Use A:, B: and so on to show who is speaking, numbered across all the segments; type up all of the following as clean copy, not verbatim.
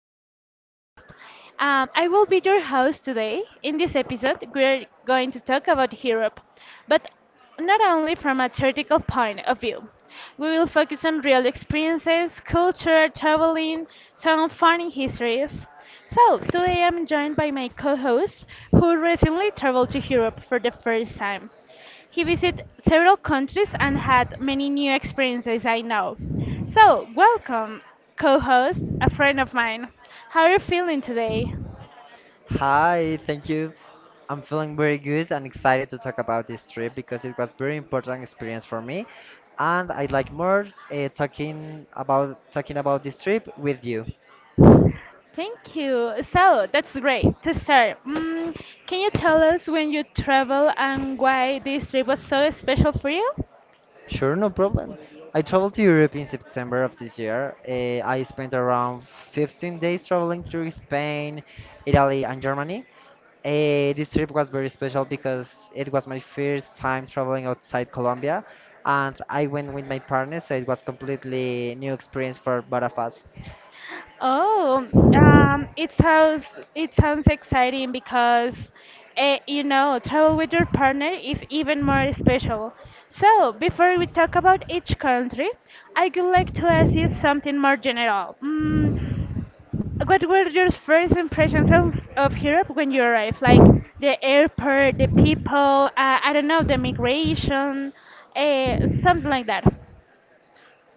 A: podcast. I will be your host today. In this episode, we're going to talk about Europe, but not only from a theoretical point of view. We will focus on real experiences, culture, traveling, some funny histories. So, today I'm joined by my co host who recently traveled to Europe for the first time. He visited several countries and had many new experiences I know. So, welcome, co host, a friend of mine. How are you feeling today?
B: Hi, thank you. I'm feeling very good and excited to talk about this trip because it was very important experience for me, and I like more talking about this trip with you.
A: Thank you. So, that's great. To start, can you tell us when you travel and why this trip was so special for you?
B: Sure, no problem. I traveled to Europe in September of this year. I spent around 15 days traveling through Spain, Italy, and Germany. This trip was very special because it was my first time traveling outside Colombia, and I went with my partner, so it was completely new experience for both of us.
A: Oh, um, it sounds it sounds exciting because travel with your partner is even more special. So, before we talk about each country, I would like to ask you something more general. What were your first impressions of Europe when you arrived? Like the airport, the people, I don't know, the migration, something like that.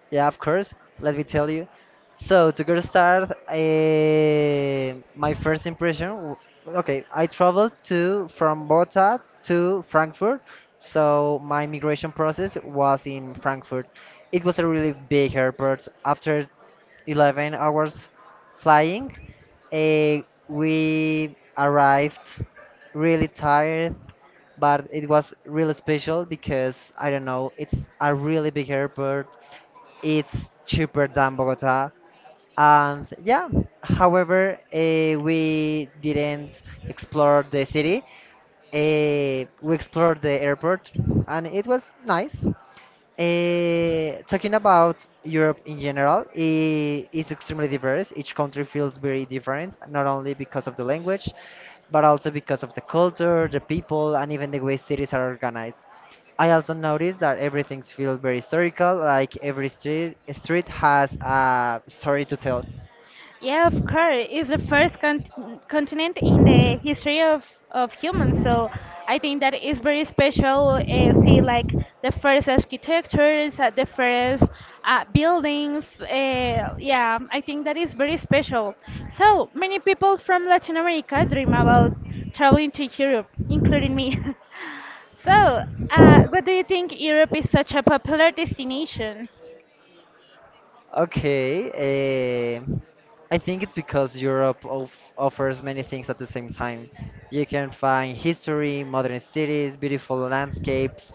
B: Yeah, of course. Let me tell you. So to get started, my first Okay, I traveled to from Bogota to Frankfurt. So my migration process was in Frankfurt. It was a really big airport. After 11 hours flying, eh, we arrived really tired, but it was really special because I don't know, it's a really big airport it's cheaper than Bogota. And yeah, however, we didn't explore the city. We explored the airport, and it was nice. Eh, talking about Europe in general, is extremely diverse. Each country feels very different, not only because of the language, but also because of the culture, the people, and even the way cities are organized. I also noticed that everything feels very historical, like every street has a story to tell.
A: Yeah, of course. It's the first continent in the history of humans, so I think that is very special. See, like the first architectures, the first buildings. Yeah, I think that is very special. So many people from Latin America dream about traveling to Europe, including me. So, what do you think Europe is such a popular destination?
B: Okay, I think it's because Europe of offers many things at the same time. You can find history, modern cities, beautiful landscapes,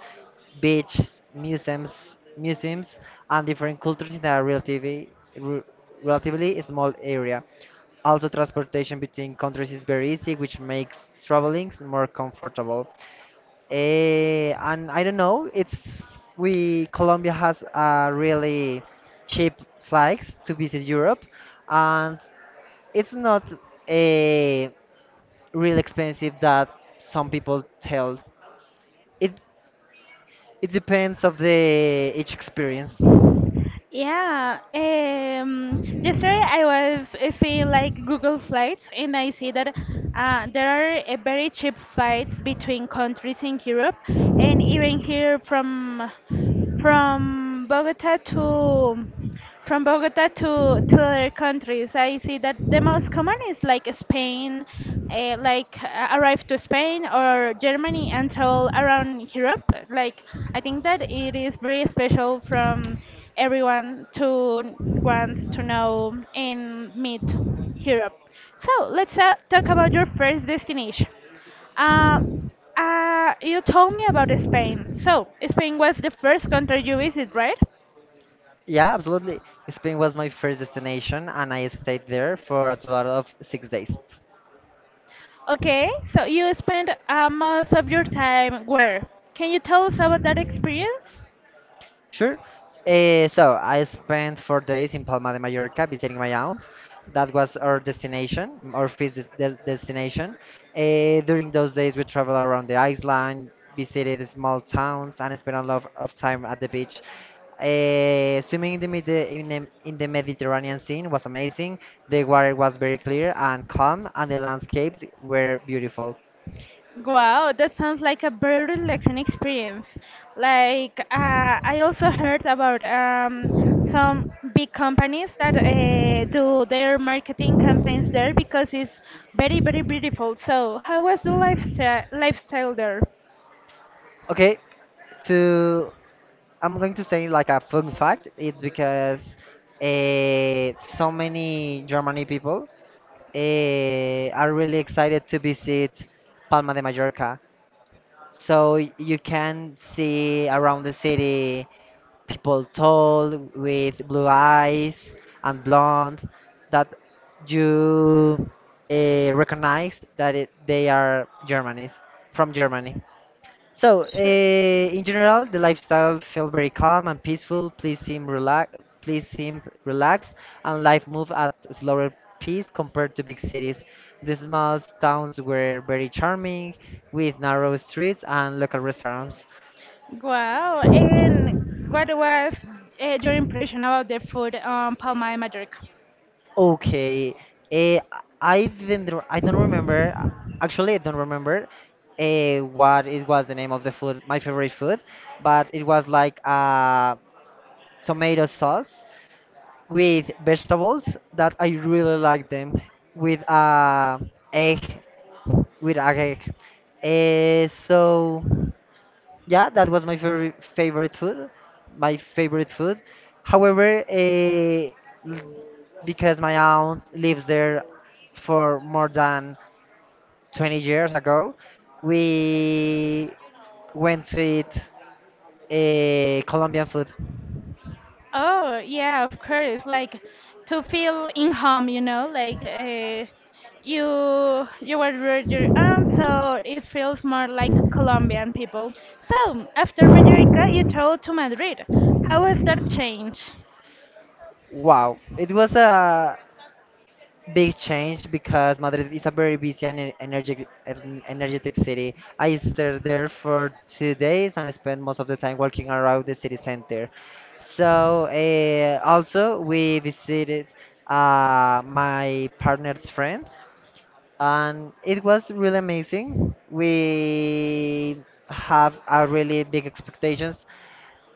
B: beaches, museums, and different cultures in a relatively re- relatively small area. Also, transportation between countries is very easy, which makes traveling more comfortable. And I don't know, it's we Colombia has really cheap flights to visit Europe, and it's not a real expensive that some people tell. It it depends of the each experience.
A: Yeah, yesterday I was seeing like Google flights and I see that there are very cheap flights between countries in Europe and even here from Bogota to from Bogota to other countries. I see that the most common is like Spain, arrive to Spain or Germany and travel around Europe. Like I think that it is very special from everyone to want to know and meet Europe. So let's talk about your first destination. Uh, you told me about Spain. So Spain was the first country you visit, right?
B: Yeah, absolutely. Spain was my first destination, and I stayed there for a total of 6 days.
A: Okay, so you spend most of your time where? Can you tell us about that experience?
B: Sure. So I spent 4 days in Palma de Mallorca visiting my aunt. That was our destination, our first destination. During those days, we traveled around the island, visited the small towns, and spent a lot of time at the beach. Swimming in the, Medi- in the Mediterranean sea was amazing. The water was very clear and calm, and the landscapes were beautiful.
A: Wow, that sounds like a very relaxing experience. Like, uh, I also heard about some big companies that do their marketing campaigns there because it's very, very beautiful. So, how was the lifestyle there?
B: Okay, to I'm going to say like a fun fact. It's because so many Germany people are really excited to visit Palma de Mallorca. So you can see around the city people tall with blue eyes and blonde that you recognize that they are Germanies from Germany. So,
A: Sure.
B: in general, the lifestyle felt very calm and peaceful. Please seemed relaxed, and life moved at a slower pace compared to big cities. The small towns were very charming, with narrow streets and local restaurants.
A: Wow, and what was your impression about the food on Palma de Mallorca?
B: Okay, eh, I didn't, re- I don't remember. Actually, I don't remember what it was the name of the food, my favorite food, but it was like tomato sauce with vegetables that I really like them with egg with a egg. So yeah, that was my favorite food. My favorite food. However, l- because my aunt lives there for more than 20 years ago, we went to eat Colombian food.
A: Oh, yeah, of course. Like to feel in home, you know, you were with your aunt, so it feels more like Colombian people. So after Mallorca, you traveled to Madrid. How was that change?
B: Wow, it was a Big change because Madrid is a very busy and energetic city. I stayed there for 2 days and spent most of the time walking around the city center. So also we visited my partner's friend, and it was really amazing. We have a really big expectations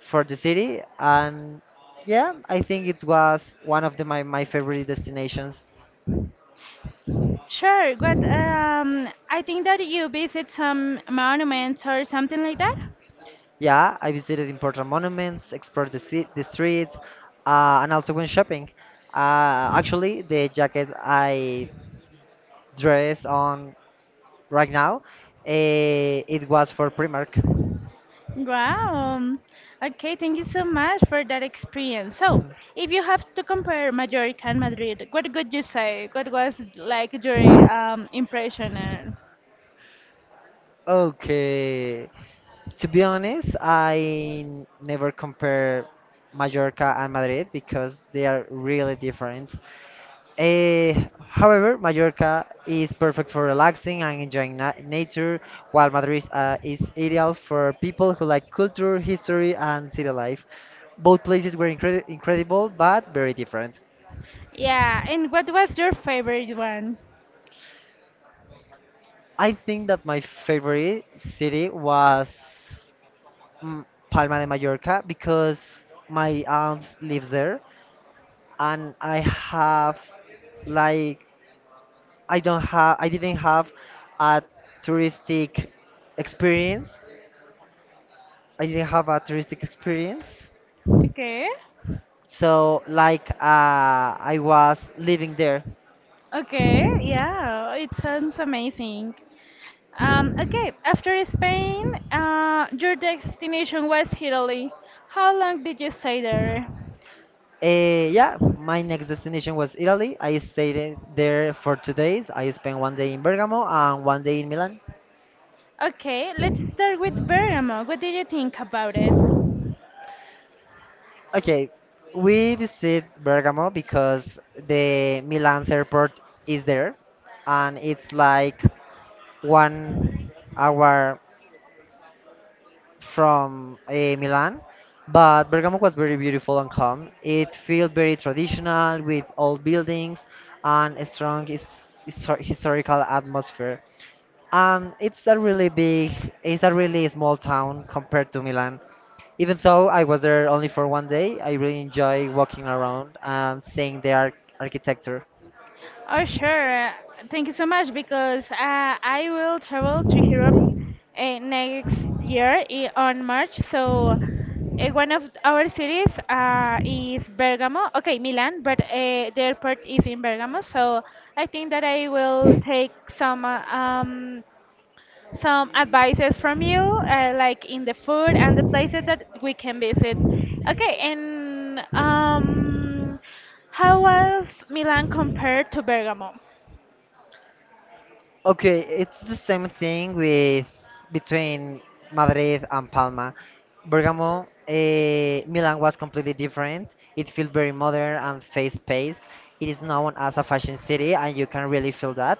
B: for the city, and yeah, I think it was one of the, my favorite destinations.
A: Sure, but I think that you visit some monuments or something like that.
B: Yeah, I visited important monuments, explored the streets, and also went shopping. Actually, the jacket I dress on right now, it was for Primark.
A: Wow. Okay, thank you so much for that experience. So, if you have to compare Mallorca and Madrid, what would you say? What was like your impression? And—
B: Okay, to be honest, never compare Mallorca and Madrid because they are really different. Eh, however, Mallorca is perfect for relaxing and enjoying na nature, while Madrid is ideal for people who like culture, history, and city life. Both places were incredible, but very different.
A: Yeah, and what was your favorite one?
B: I think that my favorite city was mm, Palma de Mallorca because my aunt lives there, and like I didn't have a touristic experience I didn't have a touristic experience.
A: Okay.
B: So, like, I was living there.
A: Okay, yeah, it sounds amazing. Okay, after Spain, your destination was Italy. How long did you stay there?
B: Yeah, my next destination was Italy. I stayed there for 2 days. I spent 1 day in Bergamo and 1 day in Milan.
A: Okay, let's start with Bergamo. What did you think about it?
B: Okay, we visit Bergamo because the Milan's airport is there, and it's like 1 hour from Milan, but Bergamo was very beautiful and calm. It felt very traditional with old buildings and a strong historical atmosphere. Um, it's a really big, it's a really small town compared to Milan. Even though I was there only for 1 day, I really enjoy walking around and seeing the architecture.
A: Oh, sure. Thank you so much because I will travel to Europe next year on March. So, one of our cities is Bergamo. Okay, Milan, but the airport is in Bergamo. So, I think that I will take some advices from you, like in the food and the places that we can visit. Okay, and how was Milan compared to Bergamo?
B: Okay, it's the same thing with between Madrid and Palma. Milan was completely different. It felt very modern and fast-paced. It is known as a fashion city, and you can really feel that.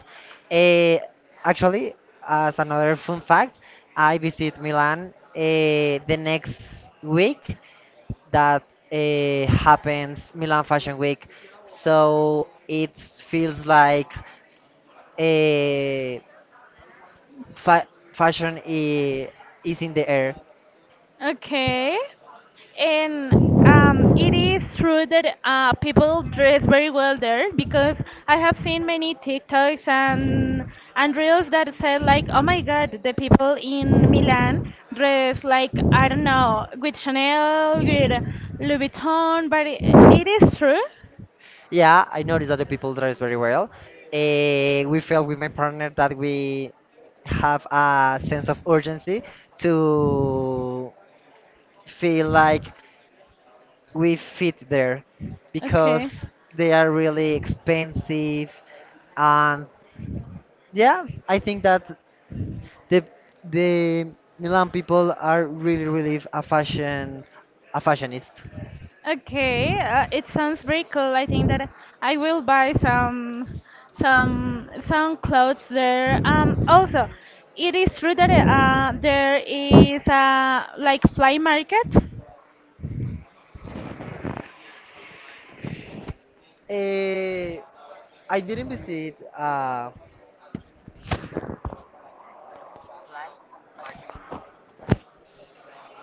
B: Eh, actually, as another fun fact, I visit Milan the next week that happens Milan Fashion Week. So it feels like. uh, fashion is in the air.
A: Okay. And it is true that people dress very well there because I have seen many TikToks and reels that said like, oh my God, the people in Milan dress like I don't know, with Chanel, with Louis Vuitton, but it is true.
B: Yeah, I noticed that the people dress very well. We felt with my partner that we have a sense of urgency to feel like we fit there
A: Okay.
B: because they are really expensive, and yeah, I think that the the milan people are really a fashionist.
A: Okay, it sounds very cool. I think that I will buy some some clothes there. Also, it is true that there is like flea markets.
B: Eh, I didn't visit uh,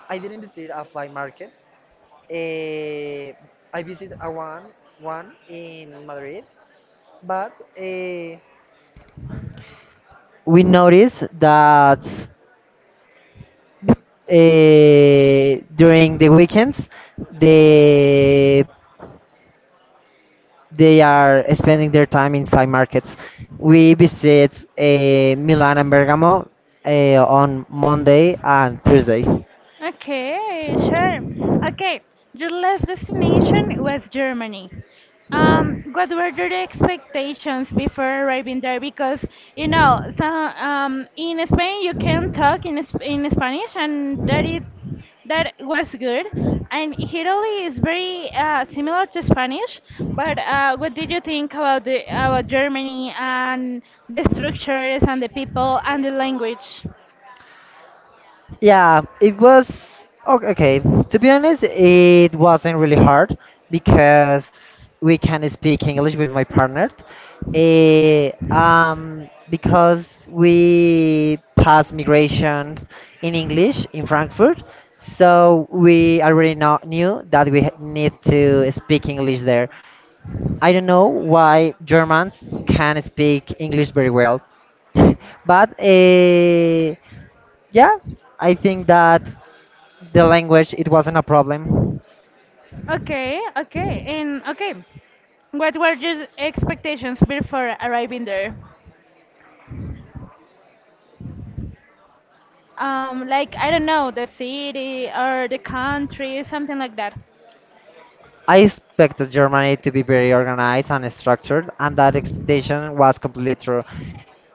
B: I didn't visit a flea market. Uh, I visited a one in Madrid, but we noticed that during the weekends they they are spending their time in flea markets. We visit Milan and Bergamo on Monday and Thursday.
A: Okay, sure. Okay, your last destination was Germany. What were your expectations before arriving there? Because you know, so, in Spain you can talk in in Spanish, and that it that was good. And Italy is very similar to Spanish. But what did you think about the about Germany and the structures and the people and the language?
B: Yeah, it was okay, okay. To be honest, it wasn't really hard because we can speak English with my partner. Because we passed migration in English in Frankfurt, so we already knew that we need to speak English there. I don't know why Germans can speak English very well, but yeah, I think that. The language, it wasn't a problem.
A: Okay, okay, and okay. What were your expectations before arriving there? Like, I don't know, the city or the country, something like that.
B: I expected Germany to be very organized and structured, and that expectation was completely true.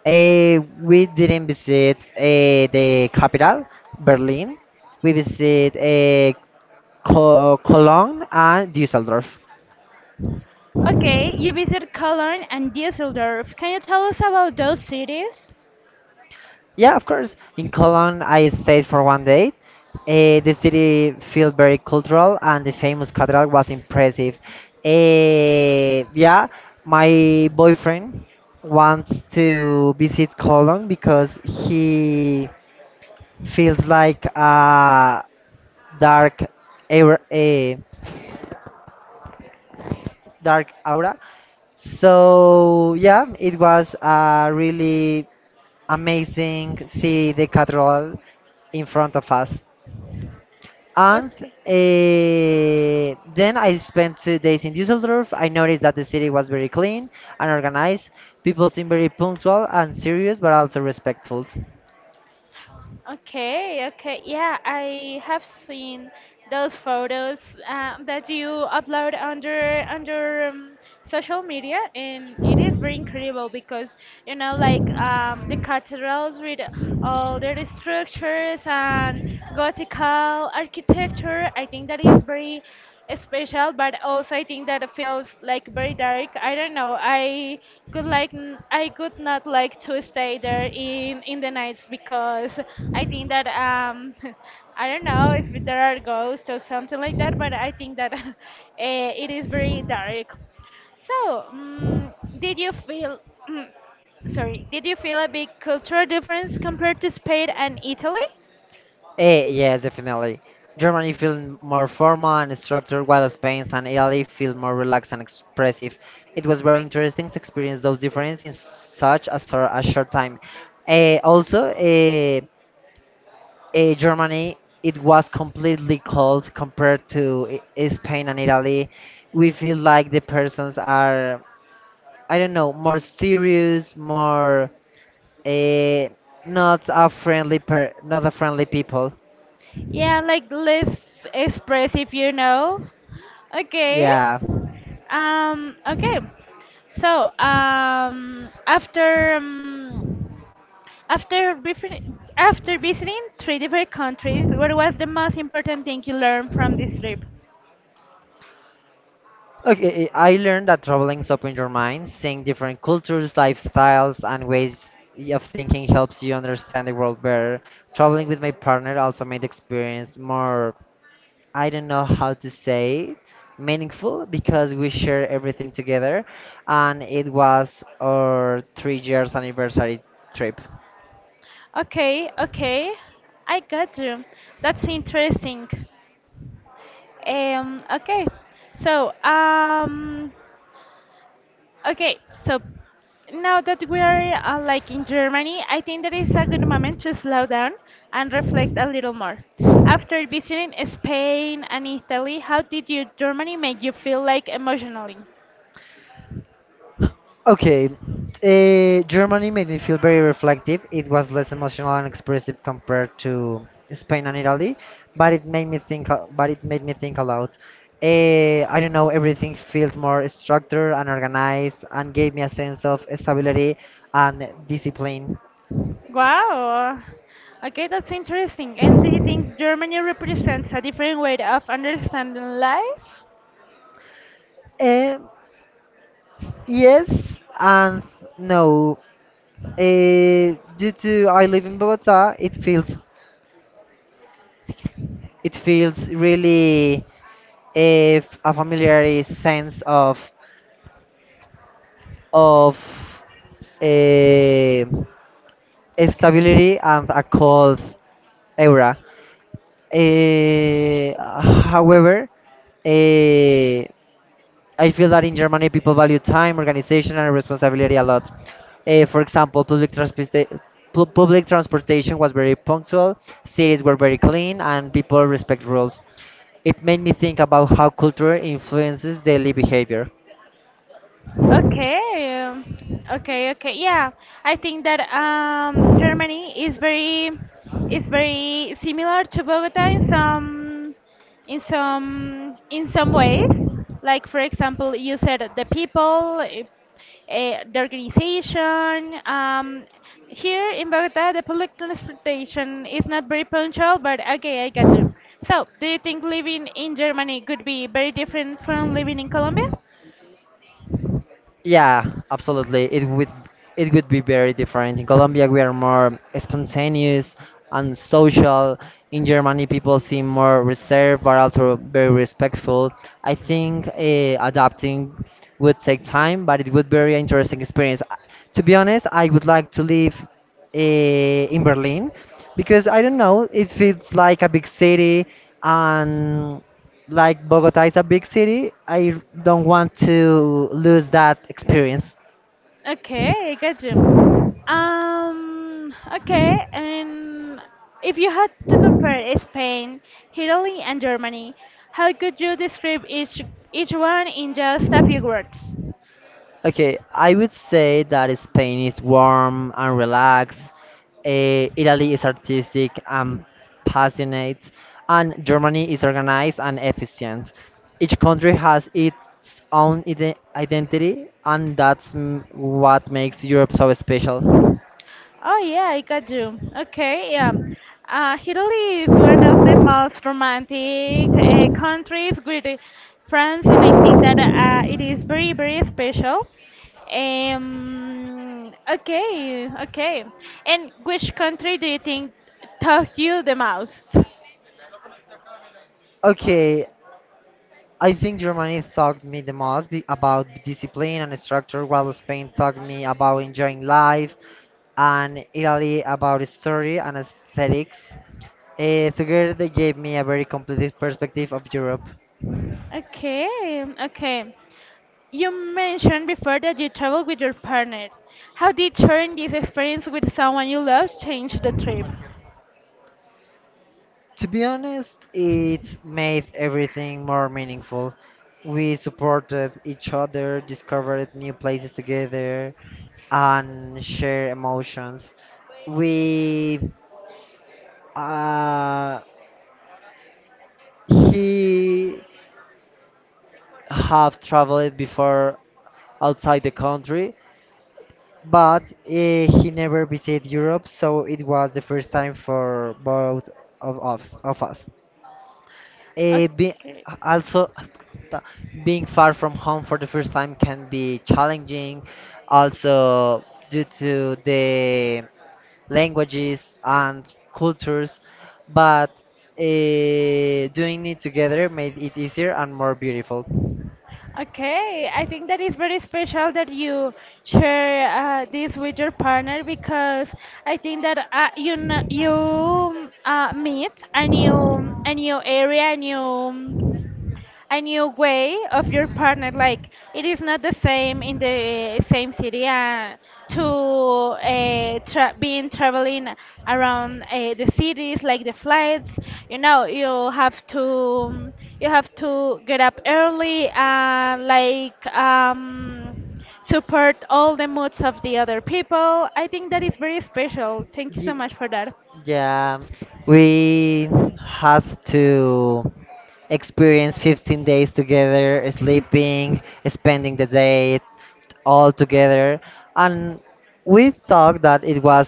B: We didn't visit the capital, Berlin. We visit Cologne and Düsseldorf.
A: Okay, you visit Cologne and Düsseldorf. Can you tell us about those cities?
B: Yeah, of course. In Cologne, I stayed for 1 day. The city felt very cultural, and the famous cathedral was impressive. Yeah, my boyfriend wants to visit Cologne because he feels like a dark, aura, a dark aura. So yeah, it was really amazing see the cathedral in front of us. And
A: Okay.
B: then I spent 2 days in Düsseldorf. I noticed that the city was very clean and organized. People seemed very punctual and serious, but also respectful.
A: Okay, okay. Yeah, I have seen those photos that you upload under social media, and it is very incredible because you know, like the cathedrals with all their structures and Gothical architecture. I think that is very special, but also I think that it feels like very dark. I don't know. I could like I could not like to stay there in the nights because I think that I don't know if there are ghosts or something like that, but I think that it is very dark. So, did you feel sorry? Did you feel a big cultural difference compared to Spain and Italy?
B: Eh, yes, definitely. Germany felt more formal and structured, while Spain and Italy feel more relaxed and expressive. It was very interesting to experience those differences in such a short time. Also, Germany, it was completely cold compared to Spain and Italy. We feel like the persons are, I don't know, more serious, more uh, not a friendly people.
A: Yeah, like less expressive, you know. Okay.
B: Yeah.
A: Okay. So, after befri- after visiting three different countries, what was the most important thing you learned from this trip?
B: Okay, I learned that traveling's open your mind, seeing different cultures, lifestyles, and ways of thinking helps you understand the world better. Traveling with my partner also made the experience more I don't know how to say it, meaningful because we share everything together and it was our 3 years anniversary trip.
A: Okay, okay. I got you. That's interesting. Okay. So, um, Okay, so now that we are like in Germany, I think that is a good moment to slow down and reflect a little more. After visiting Spain and Italy, how did you Germany make you feel like emotionally?
B: Okay. Germany made me feel very reflective. It was less emotional and expressive compared to Spain and Italy, but it made me But it made me think a lot. I don't know. Everything felt more structured and organized, and gave me a sense of stability and discipline.
A: Wow. Okay, that's interesting. And do you think Germany represents a different way of understanding life?
B: Eh, yes and no. Due to I live in Bogota, it feels really a familiar sense of of eh, stability and a cold aura. However, eh, I feel that in Germany, people value time, organization, and responsibility a lot. Eh, for example, public transportation was very punctual, cities were very clean, and people respect rules. It made me think about how culture influences daily behavior.
A: Okay, okay, okay. Yeah, I think that Germany is very similar to Bogota in some in some ways. Like for example, you said the people, the organization. Here in Bogota, the public transportation is not very punctual, but okay, I got you. So, do you think living in Germany could be very different from living in Colombia?
B: Yeah, absolutely. It would be very different. In Colombia, we are more spontaneous and social. In Germany, people seem more reserved but also very respectful. I think adapting would take time, but it would be very interesting experience. To be honest, I would like to live in Berlin because I don't know, it feels like a big city and like Bogota is a big city, I don't want to lose that experience.
A: Okay, got you. Okay, and if you had to compare Spain, Italy, and Germany, how could you describe each one in just a few words?
B: Okay, I would say that Spain is warm and relaxed. Italy is artistic and passionate, and Germany is organized and efficient. Each country has its own identity, and that's what makes Europe so special.
A: Oh yeah, I got you. Okay, yeah. Italy is one of the most romantic countries with France, and I think that it is very, very special. Okay, okay. And which country do you think taught you the most?
B: Okay, I think Germany taught me the most about discipline and structure, while Spain taught me about enjoying life, and Italy about story and aesthetics. Together, they gave me a very complete perspective of Europe.
A: Okay, okay. You mentioned before that you traveled with your partner. How did sharing this experience with someone you love change the trip?
B: To be honest, it made everything more meaningful. We supported each other, discovered new places together, and share emotions. We uh, he have traveled before outside the country, but he never visited Europe, so it was the first time for both of us. Of us. Eh, be,
A: Okay.
B: also, being far from home for the first time can be challenging, also due to the languages and cultures, but doing it together made it easier and more beautiful.
A: Okay, I think that is very special that you share this with your partner because I think that you meet a new area, a new way of your partner. Like it is not the same in the same city being traveling around the cities, like the flights, you know, you have to get up early and like support all the moods of the other people. I think that is very special. Thank you so
B: Ye-
A: much for that.
B: Yeah, we have to experience 15 days together, sleeping, spending the day all together. And we thought that it was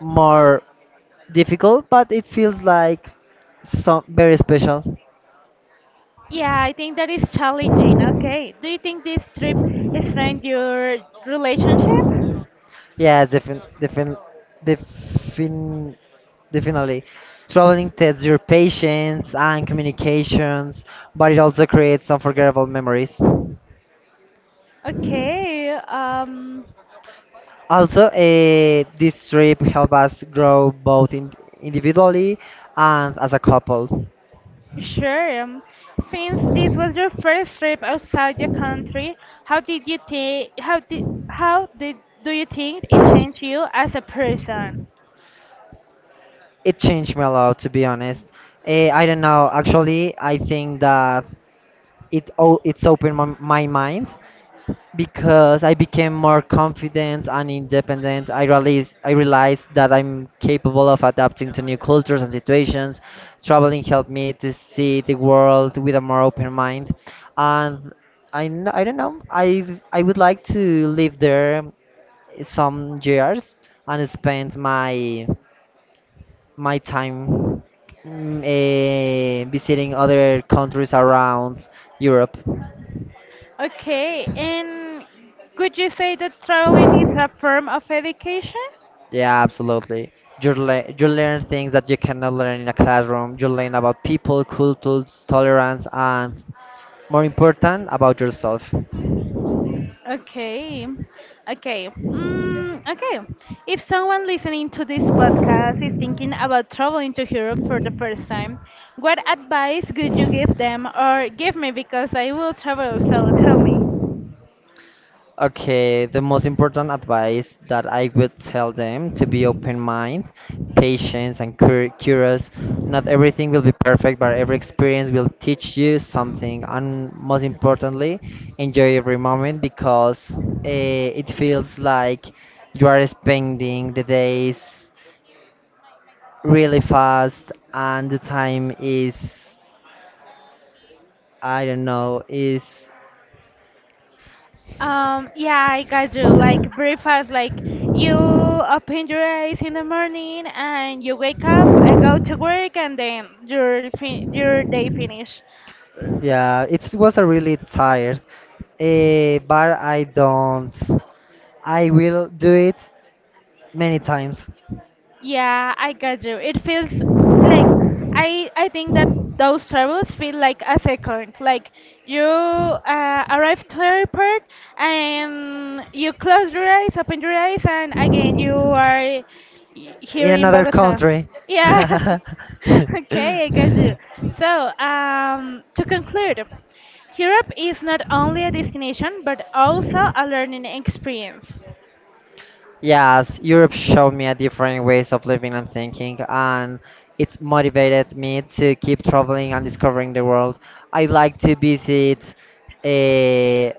B: more difficult, but it feels like so very special.
A: Yeah, I think that is challenging. Okay. Do you think this trip strengthened your relationship?
B: Yes, defin definitely. Traveling tests your patience and communications, but it also creates unforgettable memories.
A: Okay.
B: Also, this trip helped us grow both in individually and as a couple.
A: Sure. Since this was your first trip outside the country, how did do you think it changed you as a person?
B: It changed me a lot, to be honest. I don't know. Actually, I think that it's opened my mind because I became more confident and independent. I realized that I'm capable of adapting to new cultures and situations. Traveling helped me to see the world with a more open mind, and I don't know. I would like to live there some years and spend my time visiting other countries around Europe.
A: Okay. And could you say that traveling is a form of education?
B: Yeah, absolutely. You learn things that you cannot learn in a classroom. You learn about people, cultures, tolerance, and more important, about yourself.
A: Okay, okay, okay. If someone listening to this podcast is thinking about traveling to Europe for the first time, what advice would you give them or give me, because I will travel, so tell me.
B: Okay, the most important advice that I would tell them to be open mind, patience, and curious. Not everything will be perfect, but every experience will teach you something. And most importantly, enjoy every moment because it feels like you are spending the days really fast and the time is I don't know is
A: Yeah, I got you. Like breakfast, like you open your eyes in the morning and you wake up, go to work, and then your fin your day finish.
B: yeah it was a really tired but I don't I will do it many times
A: Yeah, I got you. It feels like I think that those travels feel like a second. Like you arrive to airport and you close your eyes, open your eyes, and again you are here
B: in
A: in
B: another
A: Bogota.
B: country
A: Yeah. Okay, I got you. So, to conclude, Europe is not only a destination but also a learning experience.
B: Yes, Europe showed me a different ways of living and thinking, and it motivated me to keep traveling and discovering the world. I like to visit uh,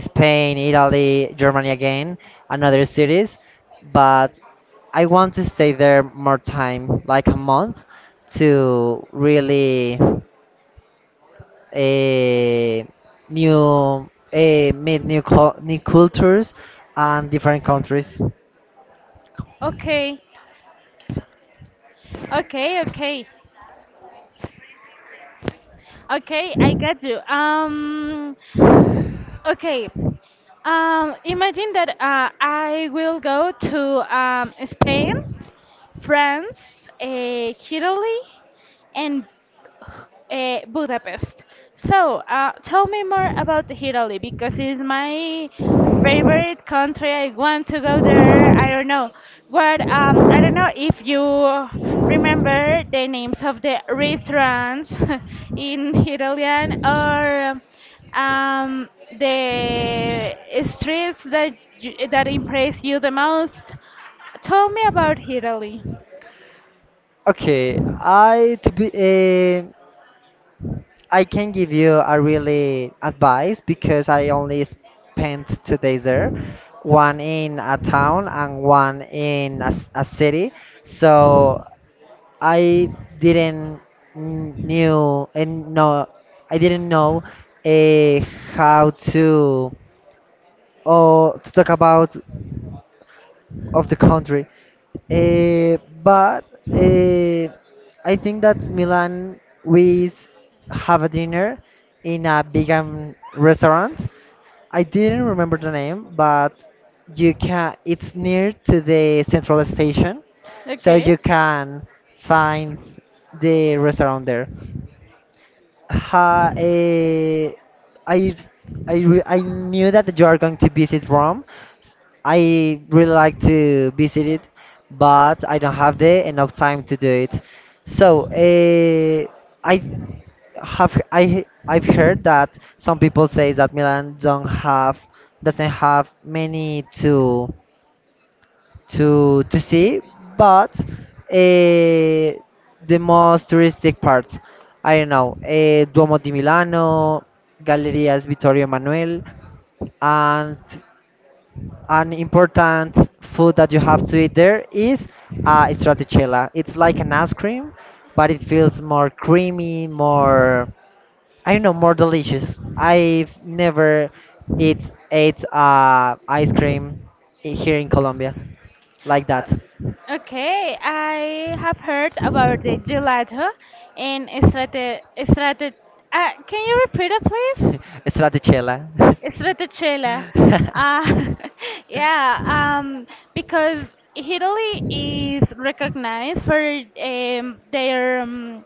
B: Spain, Italy, Germany again, and other cities. But I want to stay there more time, like a month, to really eh, meet new cultures and different countries.
A: Okay, okay, okay. Okay, I got you. Okay. Imagine that I will go to Spain, France, Italy, and Budapest. So, tell me more about Italy because it's my favorite country. I want to go there. I don't know what. I don't know if you remember the names of the restaurants in Italian or um, the streets that that impress you the most. Tell me about Italy.
B: Okay, I I can give you a really advice because I only spent 2 days there, one in a town and one in a city. So I didn't kn- knew and know I didn't know uh, how to or to talk about of the country. Eh, but eh, I think that Milan have a dinner in a vegan restaurant. I didn't remember the name, but you can. It's near to the central station, so
A: Okay.
B: you can find the restaurant there. Ha, eh, I, I, re- I knew that you are going to visit Rome. S- I really like to visit it, but I don't have the enough time to do it. So, eh, I I've heard that some people say that Milan don't have doesn't have many to to see, but uh, the most touristic parts, I don't know, Duomo di Milano, Gallerias Vittorio Emanuele, and an important food that you have to eat there is stracciatella. It's like an ice cream, but it feels more creamy, more I don't know, more delicious. I've never eat ate ice cream here in Colombia like that.
A: Okay, I have heard about the gelato and strate, can you repeat it, please?
B: Stratichella.
A: Stracciatella. Uh, yeah, because Italy is recognized for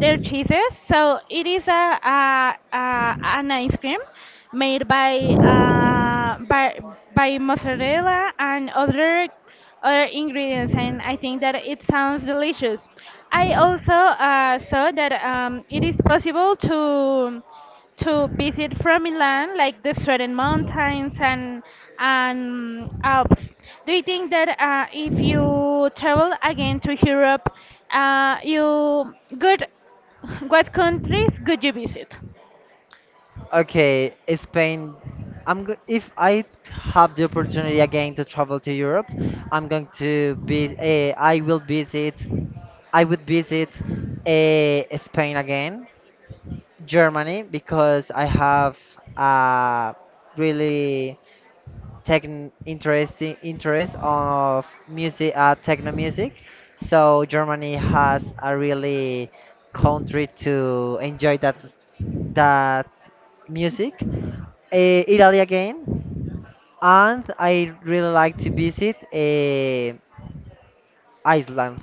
A: their cheeses. So it is a an ice cream made by by mozzarella and other ingredients, and I think that it sounds delicious. I also saw that it is possible to visit from Milan, like the Sweden mountains and Alps. Do you think that if you travel again to Europe, you good what countries could you visit?
B: Okay, Spain. I'm go If I have the opportunity again to travel to Europe, I'm going to be. I will visit. I would visit Spain again, Germany because I have a really techn interesting interest of music, techno music, so Germany has a really country to enjoy that music, Italy again, and I really like to visit Iceland.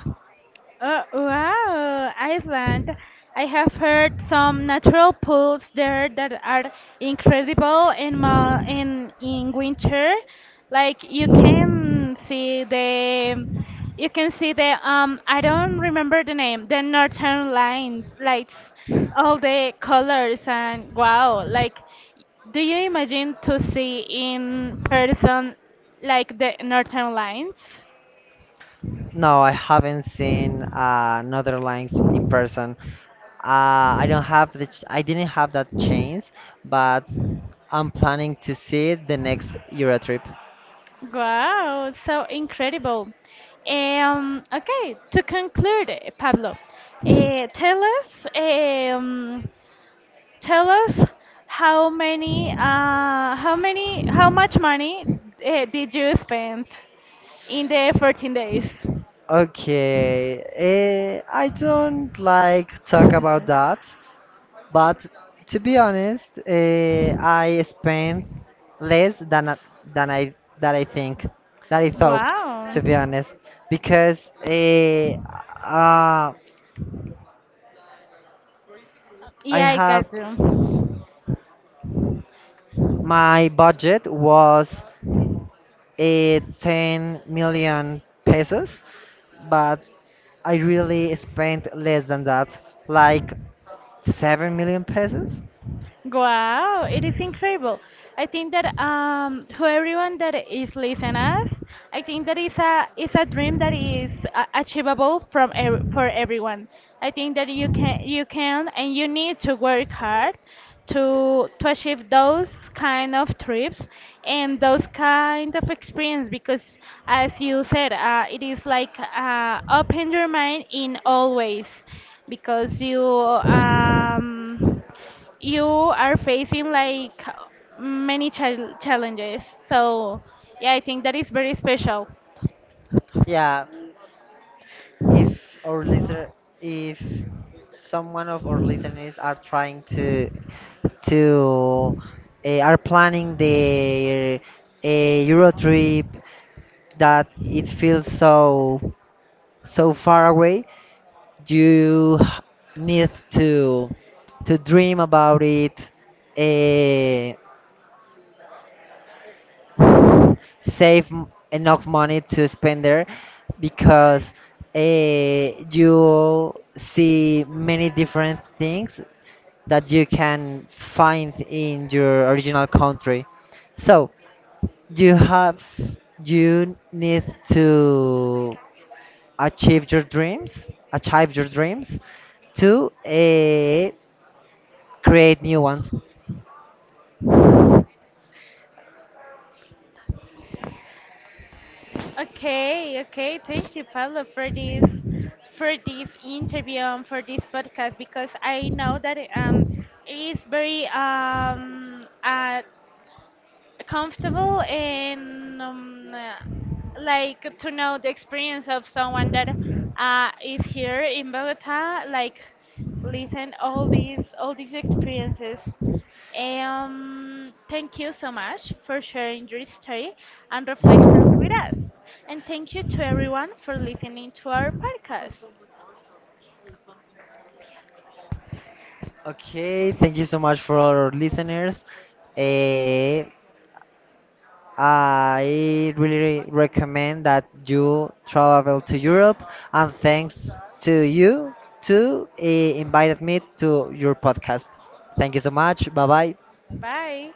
A: Oh, wow, Iceland. I have heard some natural pools there that are incredible in ma in winter. Like you can see the I don't remember the name, the northern lights, lights, all the colors and wow, like do you imagine to see in person like the northern lights?
B: No, I haven't seen Northern Lines in person. I don't have the ch- I didn't have that chance, but I'm planning to see it the next Euro trip.
A: Wow, so incredible. Okay, to conclude, Pablo, eh, tell us, um, tell us how much money did you spend in the 14 days?
B: Okay, I don't like talk about that, but to be honest, I spent less than I that I think that I thought,
A: Wow.
B: to be honest, because uh, I
A: Yeah, I
B: have
A: got you.
B: my budget was 10 million pesos, but I really spent less than that, like 7 million pesos.
A: Wow, it is incredible. I think that to everyone that is listening us, I think that is a dream that is achievable from ev for everyone. I think that you can and you need to work hard to achieve those kind of trips and those kind of experience because as you said, it is like open your mind in all ways because you are facing like many challenges. So, yeah, I think that is very special.
B: Yeah, if our listener, if someone of our listeners are trying to to are planning their a Euro trip that it feels so so far away, you need to dream about it, uh, enough money to spend there because uh, you see many different things that you can find in your original country, so you have you need to achieve your dreams to create new ones.
A: Okay, okay. Thank you, Pablo, for this interview and for this podcast because I know that it is very comfortable and like to know the experience of someone that is here in Bogota, like listen all these experiences. Thank you so much for sharing your story and reflections with us. And thank you to everyone for listening to our podcast.
B: Okay, thank you so much for our listeners. Eh, I really recommend that you travel to Europe, and thanks to you to invited me to your podcast. Thank you so much. Bye bye.
A: Bye.